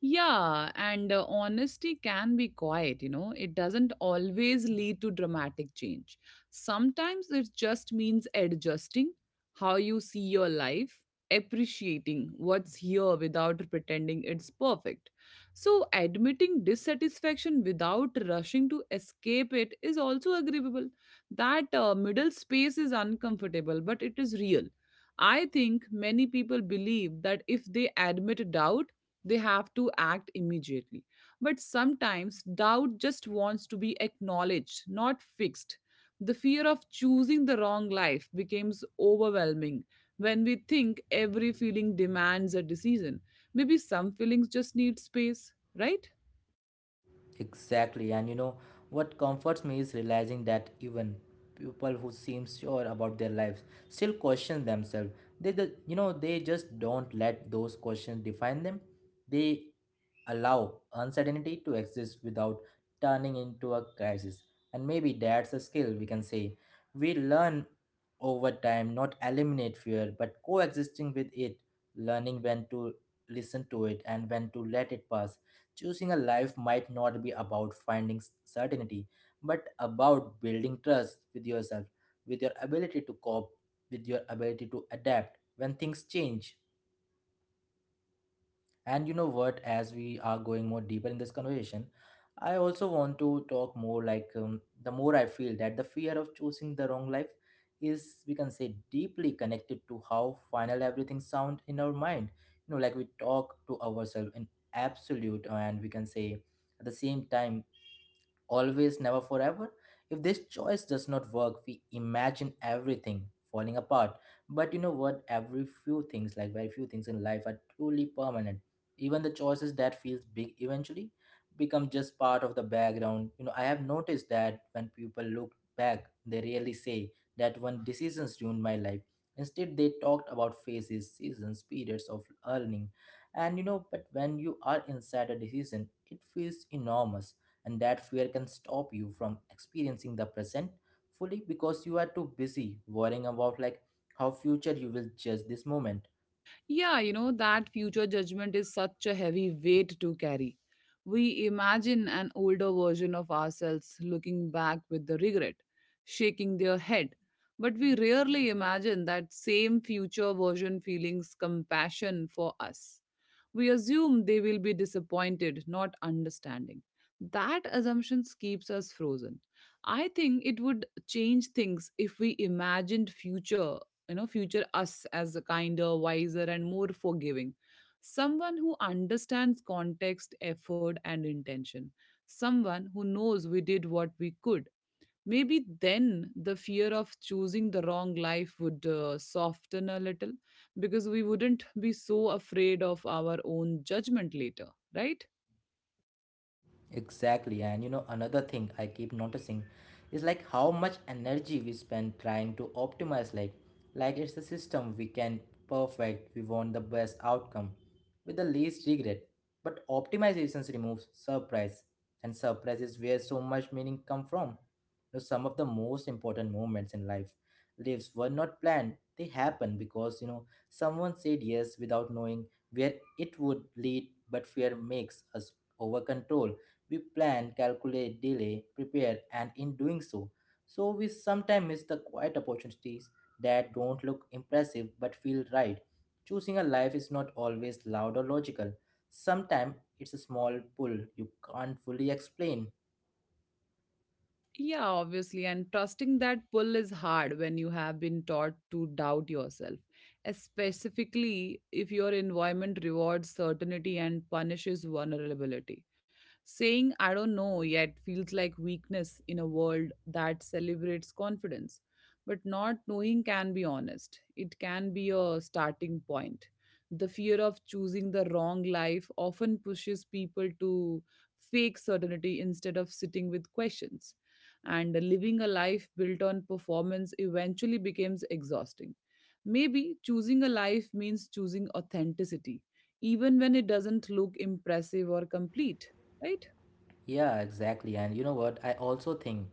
Speaker 2: Yeah, and honesty can be quiet, you know. It doesn't always lead to dramatic change. Sometimes it just means adjusting how you see your life, appreciating what's here without pretending it's perfect. So, admitting dissatisfaction without rushing to escape it is also agreeable. That middle space is uncomfortable, but it is real. I think many people believe that if they admit doubt, they have to act immediately. But sometimes doubt just wants to be acknowledged, not fixed. The fear of choosing the wrong life becomes overwhelming when we think every feeling demands a decision. Maybe some feelings just need space, right?
Speaker 1: Exactly, and you know what comforts me is realizing that even people who seem sure about their lives still question themselves. They, the, you know, they just don't let those questions define them. They allow uncertainty to exist without turning into a crisis, and maybe that's a skill, we can say, we learn over time. Not eliminate fear, but coexisting with it, learning when to listen to it and when to let it pass. Choosing a life might not be about finding certainty, but about building trust with yourself, with your ability to cope, with your ability to adapt when things change. And you know what, as we are going more deeper in this conversation, I also want to talk more, like, the more I feel that the fear of choosing the wrong life is, we can say, deeply connected to how final everything sound in our mind. Like we talk to ourselves in absolute, and we can say, at the same time, always, never, forever. If this choice does not work, we imagine everything falling apart. But you know what? Every few things, like very few things in life, are truly permanent. Even the choices that feels big eventually become just part of the background. I have noticed that when people look back, they really say that one decisions ruined my life. Instead, they talked about phases, seasons, periods of learning, and you know. But when you are inside a decision, it feels enormous, and that fear can stop you from experiencing the present fully, because you are too busy worrying about, like, how future you will judge this moment.
Speaker 2: Yeah, you know, that future judgment is such a heavy weight to carry. We imagine an older version of ourselves looking back with the regret, shaking their head. But we rarely imagine that same future version feelings compassion for us. We assume they will be disappointed, not understanding. That assumption keeps us frozen. I think it would change things if we imagined future future us as a kinder, wiser and more forgiving, someone who understands context, effort and intention, someone who knows we did what we could. Maybe then the fear of choosing the wrong life would soften a little, because we wouldn't be so afraid of our own judgment later, right?
Speaker 1: Exactly, and another thing I keep noticing is like how much energy we spend trying to optimize life. Like it's the system we can perfect, we want the best outcome with the least regret. But optimizations removes surprise, and surprise is where so much meaning come from. Some of the most important moments in life, lives were not planned. They happen because, someone said yes without knowing where it would lead, but fear makes us over control. We plan, calculate, delay, prepare, and in doing so we sometimes miss the quiet opportunities that don't look impressive but feel right. Choosing a life is not always loud or logical. Sometimes it's a small pull you can't fully explain.
Speaker 2: Yeah, obviously. And trusting that pull is hard when you have been taught to doubt yourself, specifically if your environment rewards certainty and punishes vulnerability. Saying, I don't know yet feels like weakness in a world that celebrates confidence. But not knowing can be honest, it can be a starting point. The fear of choosing the wrong life often pushes people to fake certainty instead of sitting with questions, and living a life built on performance eventually becomes exhausting. Maybe choosing a life means choosing authenticity, even when it doesn't look impressive or complete, right?
Speaker 1: Yeah, exactly. And you know what? I also think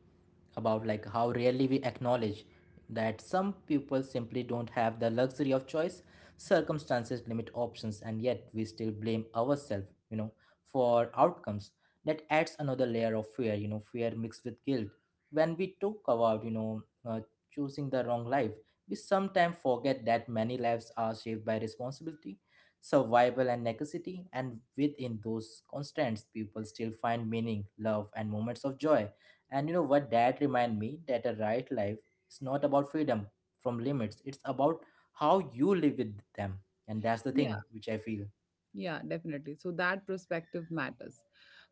Speaker 1: about like how rarely we acknowledge that some people simply don't have the luxury of choice. Circumstances limit options, and yet we still blame ourselves, for outcomes. That adds another layer of fear, fear mixed with guilt. When we talk about, choosing the wrong life, we sometimes forget that many lives are shaped by responsibility, survival and necessity, and within those constants, people still find meaning, love, and moments of joy. And you know what, that remind me that a right life is not about freedom from limits, it's about how you live with them. And that's the thing which I feel.
Speaker 2: Yeah, definitely. So that perspective matters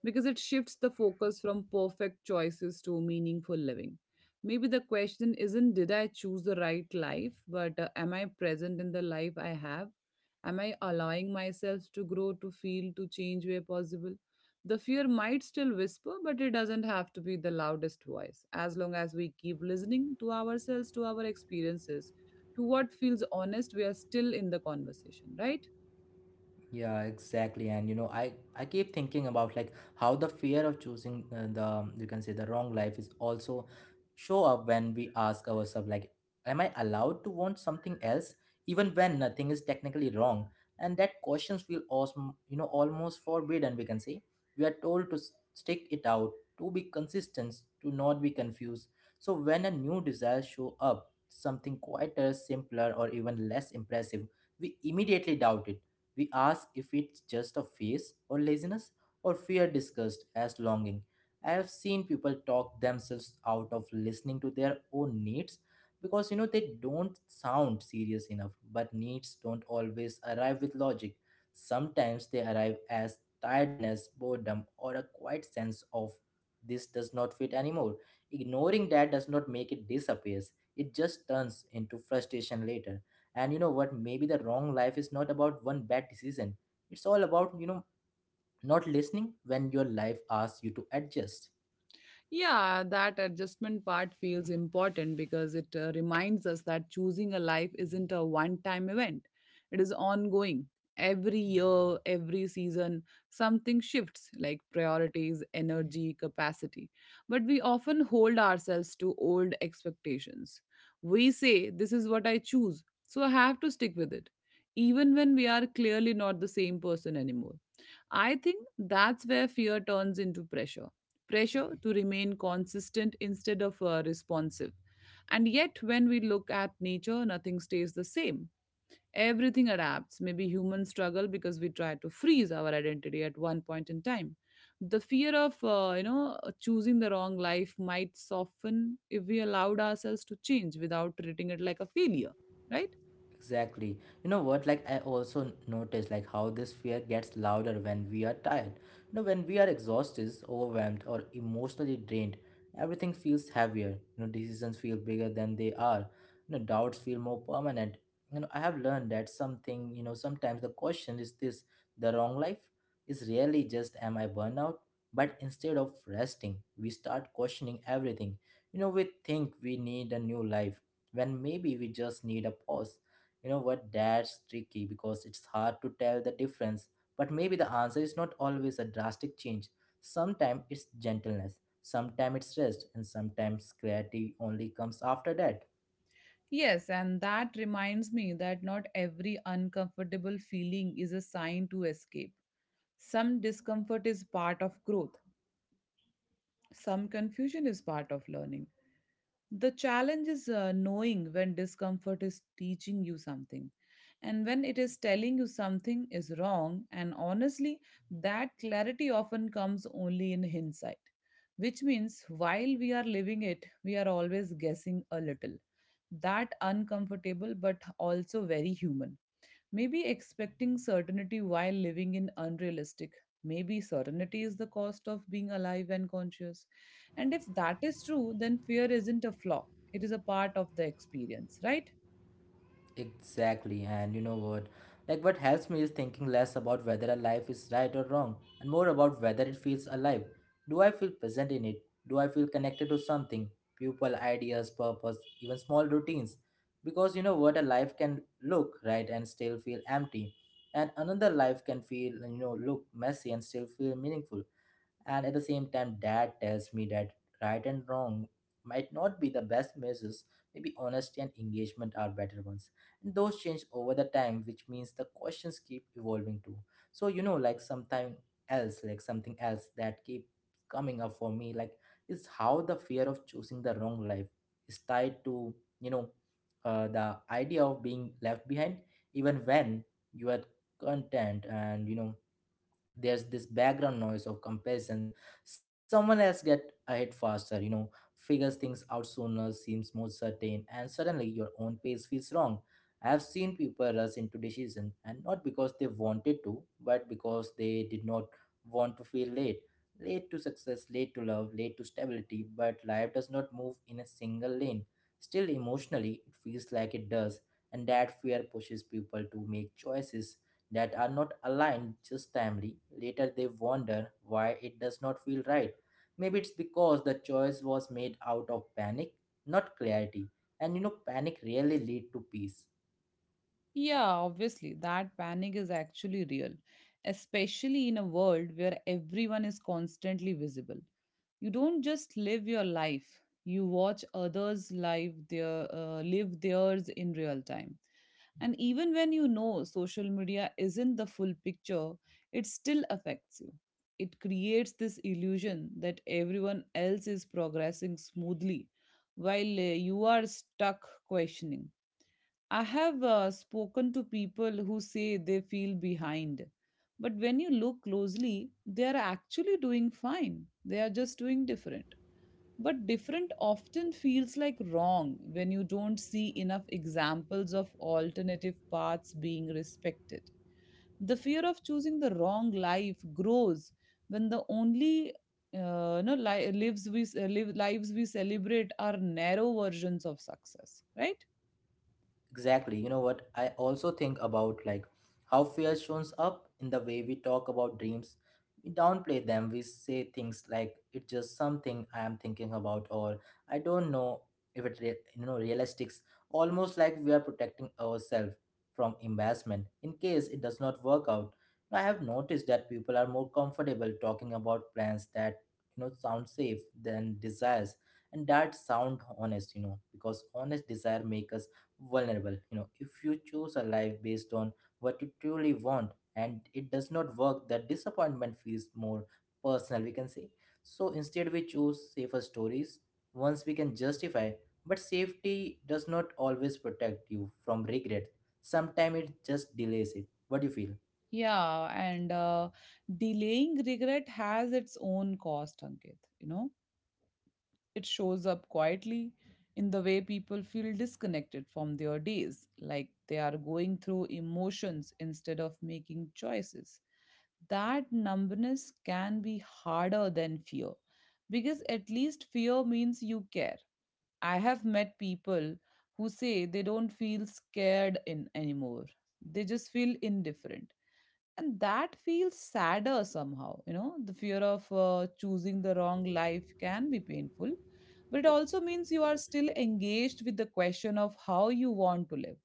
Speaker 2: because it shifts the focus from perfect choices to meaningful living. Maybe the question isn't did I choose the right life, but am I present in the life I have? Am I allowing myself to grow, to feel, to change where possible? The fear might still whisper, but it doesn't have to be the loudest voice. As long as we keep listening to ourselves, to our experiences, to what feels honest, we are still in the conversation, right?
Speaker 1: Yeah, exactly. And you know, I keep thinking about like how the fear of choosing, the, you can say, the wrong life is also show up when we ask ourselves like, am I allowed to want something else even when nothing is technically wrong? And that questions feel awesome, almost forbidden. We can say we are told to stick it out, to be consistent, to not be confused. So when a new desire show up, something quieter, simpler, or even less impressive, we immediately doubt it. We ask if it's just a phase or laziness or fear discussed as longing. I have seen people talk themselves out of listening to their own needs because, they don't sound serious enough, but needs don't always arrive with logic. Sometimes they arrive as tiredness, boredom, or a quiet sense of, this does not fit anymore. Ignoring that does not make it disappears, it just turns into frustration later. And you know what, maybe the wrong life is not about one bad decision, it's all about, not listening when your life asks you to adjust.
Speaker 2: Yeah, that adjustment part feels important because it reminds us that choosing a life isn't a one time event, it is ongoing. Every year, every season, something shifts like priorities, energy, capacity. But we often hold ourselves to old expectations. We say, this is what I choose, so I have to stick with it, even when we are clearly not the same person anymore. I think that's where fear turns into pressure, pressure to remain consistent instead of responsive. And yet, when we look at nature, nothing stays the same. Everything adapts. Maybe humans struggle because we try to freeze our identity at one point in time. The fear of, you know, choosing the wrong life might soften if we allowed ourselves to change without treating it like a failure, right?
Speaker 1: Exactly. You know what? Like, I also notice like how this fear gets louder when we are tired. When we are exhausted, overwhelmed, or emotionally drained, everything feels heavier. Decisions feel bigger than they are. Doubts feel more permanent. I have learned that something. Sometimes the question is this: the wrong life is really, just am I burnout? But instead of resting, we start questioning everything. We think we need a new life when maybe we just need a pause. You know what? That's tricky because it's hard to tell the difference. But maybe the answer is not always a drastic change. Sometimes it's gentleness, sometimes it's rest, and sometimes clarity only comes after that.
Speaker 2: Yes, and that reminds me that not every uncomfortable feeling is a sign to escape. Some discomfort is part of growth. Some confusion is part of learning. The challenge is knowing when discomfort is teaching you something and when it is telling you something is wrong. And honestly, that clarity often comes only in hindsight, which means while we are living it, we are always guessing a little. That uncomfortable but also very human. Maybe expecting certainty while living in unrealistic. Maybe certainty is the cost of being alive and conscious. And if that is true, then fear isn't a flaw, it is a part of the experience, right?
Speaker 1: Exactly, and you know what? Like, what helps me is thinking less about whether a life is right or wrong and more about whether it feels alive. Do I feel present in it? Do I feel connected to something? People, ideas, purpose, even small routines. Because you know what? A life can look right and still feel empty, and another life can feel, look messy and still feel meaningful. And at the same time, dad tells me that right and wrong might not be the best measures. Maybe honesty and engagement are better ones. And those change over the time, which means the questions keep evolving too. So you know, like something like something else that keep coming up for me, is how the fear of choosing the wrong life is tied to, you know, the idea of being left behind, even when you are content, and you know there's this background noise of comparison. Someone else get ahead faster, you know, figures things out sooner, seems more certain, and suddenly your own pace feels wrong. I've seen people rush into decisions, and not because they wanted to, but because they did not want to feel late. Late to success, late to love, late to stability. But life does not move in a single lane. Still emotionally it feels like it does, and that fear pushes people to make choices that are not aligned, just timely. Later, they wonder why it does not feel right. Maybe it's because the choice was made out of panic, not clarity. And you know, panic really lead to peace.
Speaker 2: Yeah, obviously, that panic is actually real, especially in a world where everyone is constantly visible. You don't just live your life, you watch others live their live theirs in real time. And even when you know social media isn't the full picture, it still affects you. It creates this illusion that everyone else is progressing smoothly while you are stuck questioning. I have spoken to people who say they feel behind, but when you look closely, they are actually doing fine. They are just doing different. But different often feels like wrong when you don't see enough examples of alternative paths being respected. The fear of choosing the wrong life grows when the only no li- lives we ce- live, lives we celebrate are narrow versions of success, right?
Speaker 1: Exactly. You know what? I also think about like how fear shows up in the way we talk about dreams. We downplay them. We say things like it's just something I am thinking about, or I don't know if it realistic. Almost like we are protecting ourselves from embarrassment in case it does not work out. I have noticed that people are more comfortable talking about plans that you know sound safe than desires and that sound honest, you know, because honest desire make us vulnerable. You know, if you choose a life based on what you truly want and it does not work, the disappointment feels more personal, we can say. So instead, we choose safer stories, once we can justify. But safety does not always protect you from regret. Sometimes it just delays it. What do you feel?
Speaker 2: Yeah, and delaying regret has its own cost, Ankit. You know, it shows up quietly in the way people feel disconnected from their days, like they are going through emotions instead of making choices. That numbness can be harder than fear because at least fear means you care. I have met people who say they don't feel scared in anymore. They just feel indifferent. And that feels sadder somehow. You know, the fear of choosing the wrong life can be painful, but it also means you are still engaged with the question of how you want to live.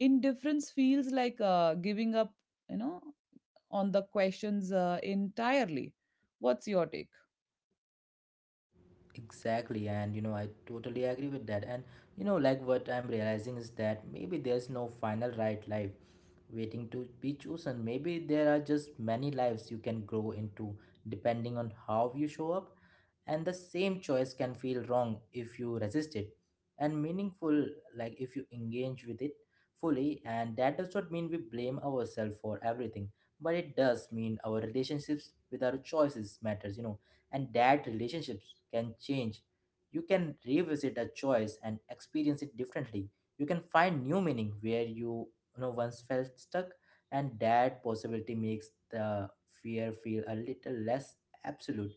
Speaker 2: Indifference feels like giving up, you know, on the questions entirely. What's your take?
Speaker 1: Exactly, and you know, I totally agree with that. And you know, like what I'm realizing is that maybe there's no final right life waiting to be chosen. Maybe there are just many lives you can grow into depending on how you show up, and the same choice can feel wrong if you resist it, and meaningful like if you engage with it fully. And that does not mean we blame ourselves for everything, but it does mean our relationships with our choices matters, you know, and that relationships can change. You can revisit a choice and experience it differently. You can find new meaning where you know once felt stuck, and that possibility makes the fear feel a little less absolute.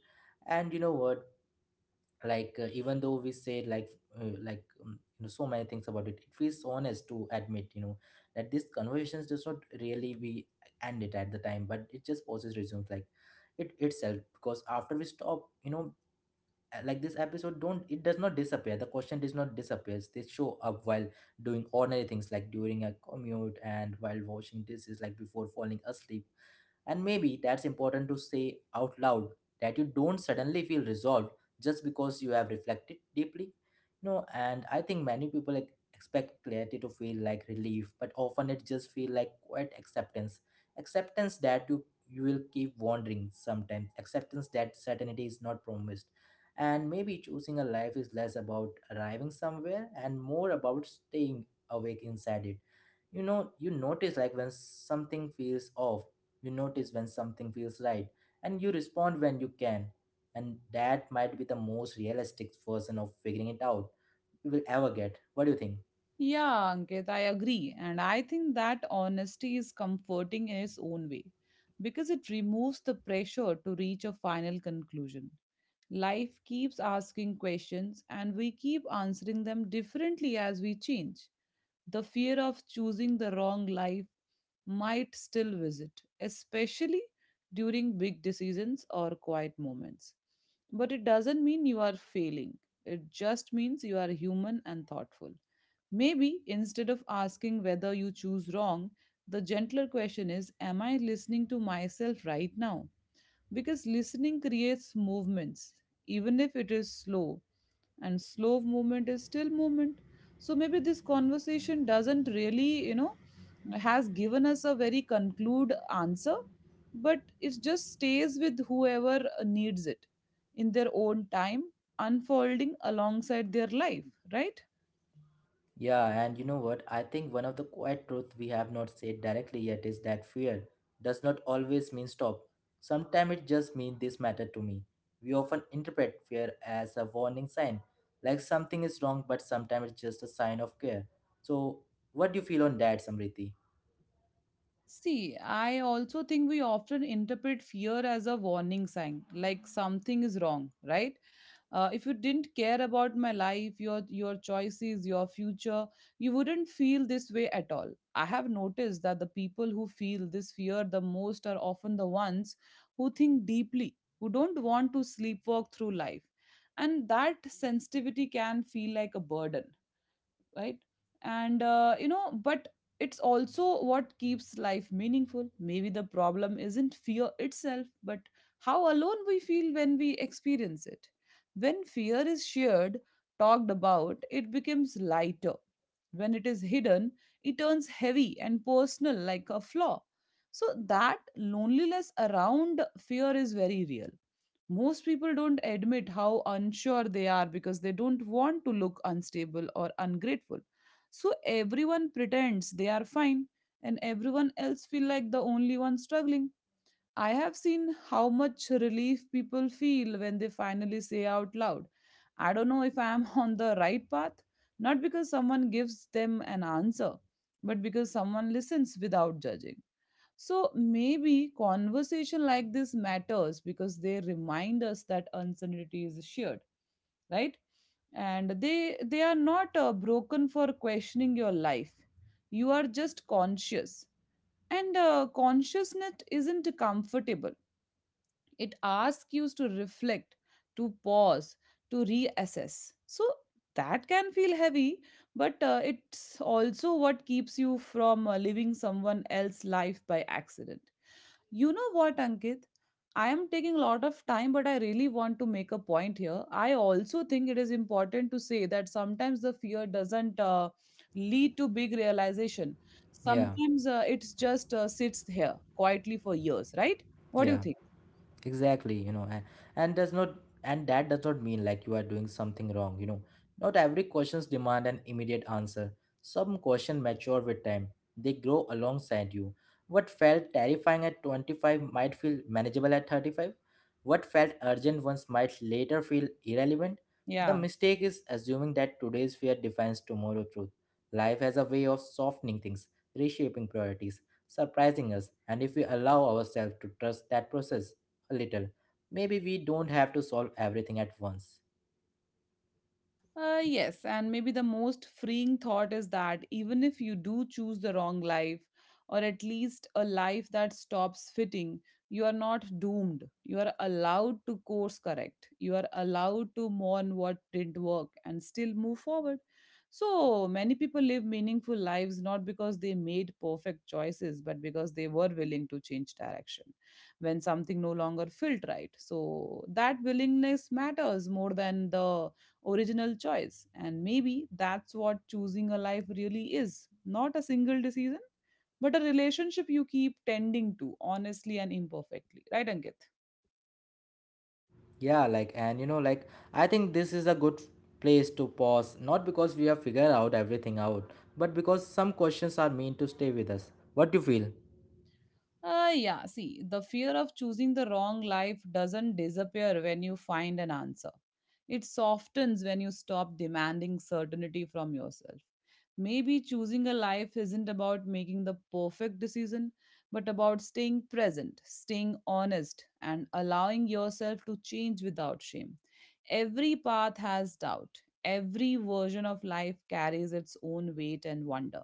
Speaker 1: And you know what, even though we say you know so many things about it, it feels honest to admit, you know, that these conversations does not really we end it at the time, but it just pauses resumes like it itself, because after we stop, you know, like this episode don't it does not disappear, the question does not disappears. They show up while doing ordinary things, like during a commute and while washing dishes, like before falling asleep. And maybe that's important to say out loud, that you don't suddenly feel resolved just because you have reflected deeply. No, and I think many people expect clarity to feel like relief, but often it just feels like quiet acceptance. Acceptance that you will keep wandering sometimes. Acceptance that certainty is not promised. And maybe choosing a life is less about arriving somewhere and more about staying awake inside it. You know, you notice like when something feels off, you notice when something feels right, and you respond when you can. And that might be the most realistic version of figuring it out we will ever get. What do you think?
Speaker 2: Yeah, Ankit, I agree. And I think that honesty is comforting in its own way because it removes the pressure to reach a final conclusion. Life keeps asking questions and we keep answering them differently as we change. The fear of choosing the wrong life might still visit, especially during big decisions or quiet moments. But it doesn't mean you are failing, it just means you are human and thoughtful. Maybe instead of asking whether you choose wrong, the gentler question is, am I listening to myself right now? Because listening creates movements, even if it is slow, and slow movement is still movement. So maybe this conversation doesn't really, you know, has given us a very conclude answer, but it just stays with whoever needs it in their own time, unfolding alongside their life, right?
Speaker 1: Yeah, and you know what? I think one of the quiet truth we have not said directly yet is that fear does not always mean stop. Sometimes it just means this matter to me. We often interpret fear as a warning sign, like something is wrong, but sometimes it's just a sign of care. So, what do you feel on that, Samriti?
Speaker 2: See, I also think we often interpret fear as a warning sign, like something is wrong, right? If you didn't care about my life, your choices, your future, you wouldn't feel this way at all. I have noticed that the people who feel this fear the most are often the ones who think deeply, who don't want to sleepwalk through life, and that sensitivity can feel like a burden, right? And you know, but it's also what keeps life meaningful. Maybe the problem isn't fear itself, but how alone we feel when we experience it. When fear is shared, talked about, it becomes lighter. When it is hidden, it turns heavy and personal, like a flaw. So that loneliness around fear is very real. Most people don't admit how unsure they are because they don't want to look unstable or ungrateful, so everyone pretends they are fine and everyone else feel like the only one struggling. I have seen how much relief people feel when they finally say out loud, I don't know if I am on the right path. Not because someone gives them an answer, but because someone listens without judging. So maybe conversation like this matters because they remind us that uncertainty is shared, right? And they are not broken for questioning your life. You are just conscious, and consciousness isn't comfortable. It asks you to reflect, to pause, to reassess. So that can feel heavy, but it's also what keeps you from living someone else's life by accident. You know what, Ankit? I am taking a lot of time, but I really want to make a point here. I also think it is important to say that sometimes the fear doesn't lead to big realization.
Speaker 1: Yeah,
Speaker 2: Sometimes it's just sits here quietly for years, right? What do you
Speaker 1: yeah,
Speaker 2: think?
Speaker 1: exactly, you know. And, and does not and that does not mean like you are doing something wrong, you know. Not every questions demand an immediate answer. Some questions mature with time, they grow alongside you. What felt terrifying at 25 might feel manageable at 35. What felt urgent once might later feel irrelevant. The
Speaker 2: Yeah.
Speaker 1: mistake is assuming that today's fear defines tomorrow's truth. Life has a way of softening things, reshaping priorities, surprising us, and if we allow ourselves to trust that process a little. Maybe we don't have to solve everything at once.
Speaker 2: Yes, and maybe the most freeing thought is that even if you do choose the wrong life, or at least a life that stops fitting, you are not doomed. You are allowed to course correct. You are allowed to mourn what didn't work and still move forward. So many people live meaningful lives not because they made perfect choices, but because they were willing to change direction when something no longer felt right. So that willingness matters more than the original choice. And maybe that's what choosing a life really is, not a single decision, but a relationship you keep tending to honestly and imperfectly. Right, Ankit?
Speaker 1: Yeah, like, and you know, like, I think this is a good place to pause, not because we have figured out everything out, but because some questions are meant to stay with us. What do you feel?
Speaker 2: Yeah, see, the fear of choosing the wrong life doesn't disappear when you find an answer. It softens when you stop demanding certainty from yourself. Maybe choosing a life isn't about making the perfect decision, but about staying present, staying honest, and allowing yourself to change without shame. Every path has doubt, every version of life carries its own weight and wonder,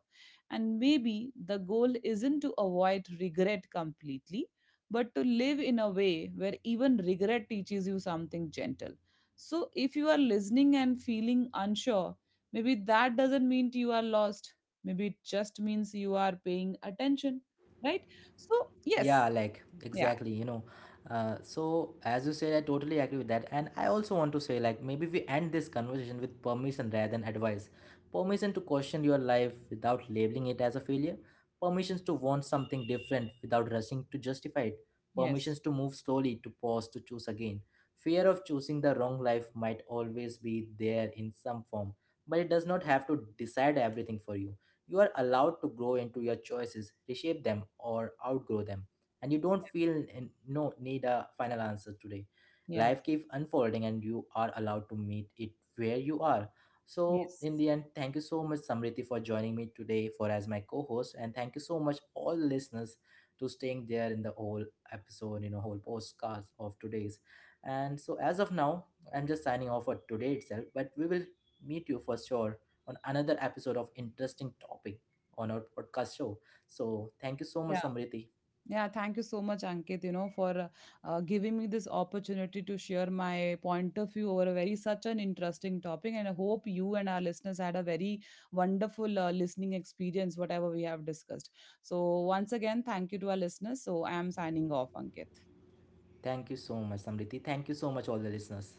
Speaker 2: and maybe the goal isn't to avoid regret completely, but to live in a way where even regret teaches you something gentle. So if you are listening and feeling unsure, maybe that doesn't mean you are lost. Maybe it just means you are paying attention, right? So,
Speaker 1: Yeah,
Speaker 2: yes,
Speaker 1: like
Speaker 2: yeah,
Speaker 1: exactly, you know. So as you said, I totally agree with that, and I also want to say like maybe we end this conversation with permission rather than advice. Permission to question your life without labeling it as a failure. Permissions to want something different without rushing to justify it.
Speaker 2: yes,
Speaker 1: Permissions to move slowly, to pause, to choose again. Fear of choosing the wrong life might always be there in some form, but it does not have to decide everything for you. You are allowed to grow into your choices, reshape them, or outgrow them, and you don't feel no need a final answer today.
Speaker 2: yeah,
Speaker 1: Life keeps unfolding and you are allowed to meet it where you are. So
Speaker 2: yes,
Speaker 1: in the end, thank you so much Samriti for joining me today for as my co-host, and thank you so much all the listeners to staying there in the whole episode, you know, whole postcast of today's. And so as of now, I'm just signing off for today itself, but we will meet you for sure on another episode of interesting topic on our podcast show. So thank you so much,
Speaker 2: yeah.
Speaker 1: Samriti.
Speaker 2: Yeah, thank you so much, Ankit, you know, for giving me this opportunity to share my point of view over a very such an interesting topic. And I hope you and our listeners had a very wonderful listening experience, whatever we have discussed. So, once again, thank you to our listeners. So, I am signing off, Ankit.
Speaker 1: Thank you so much, Samriti. Thank you so much, all the listeners.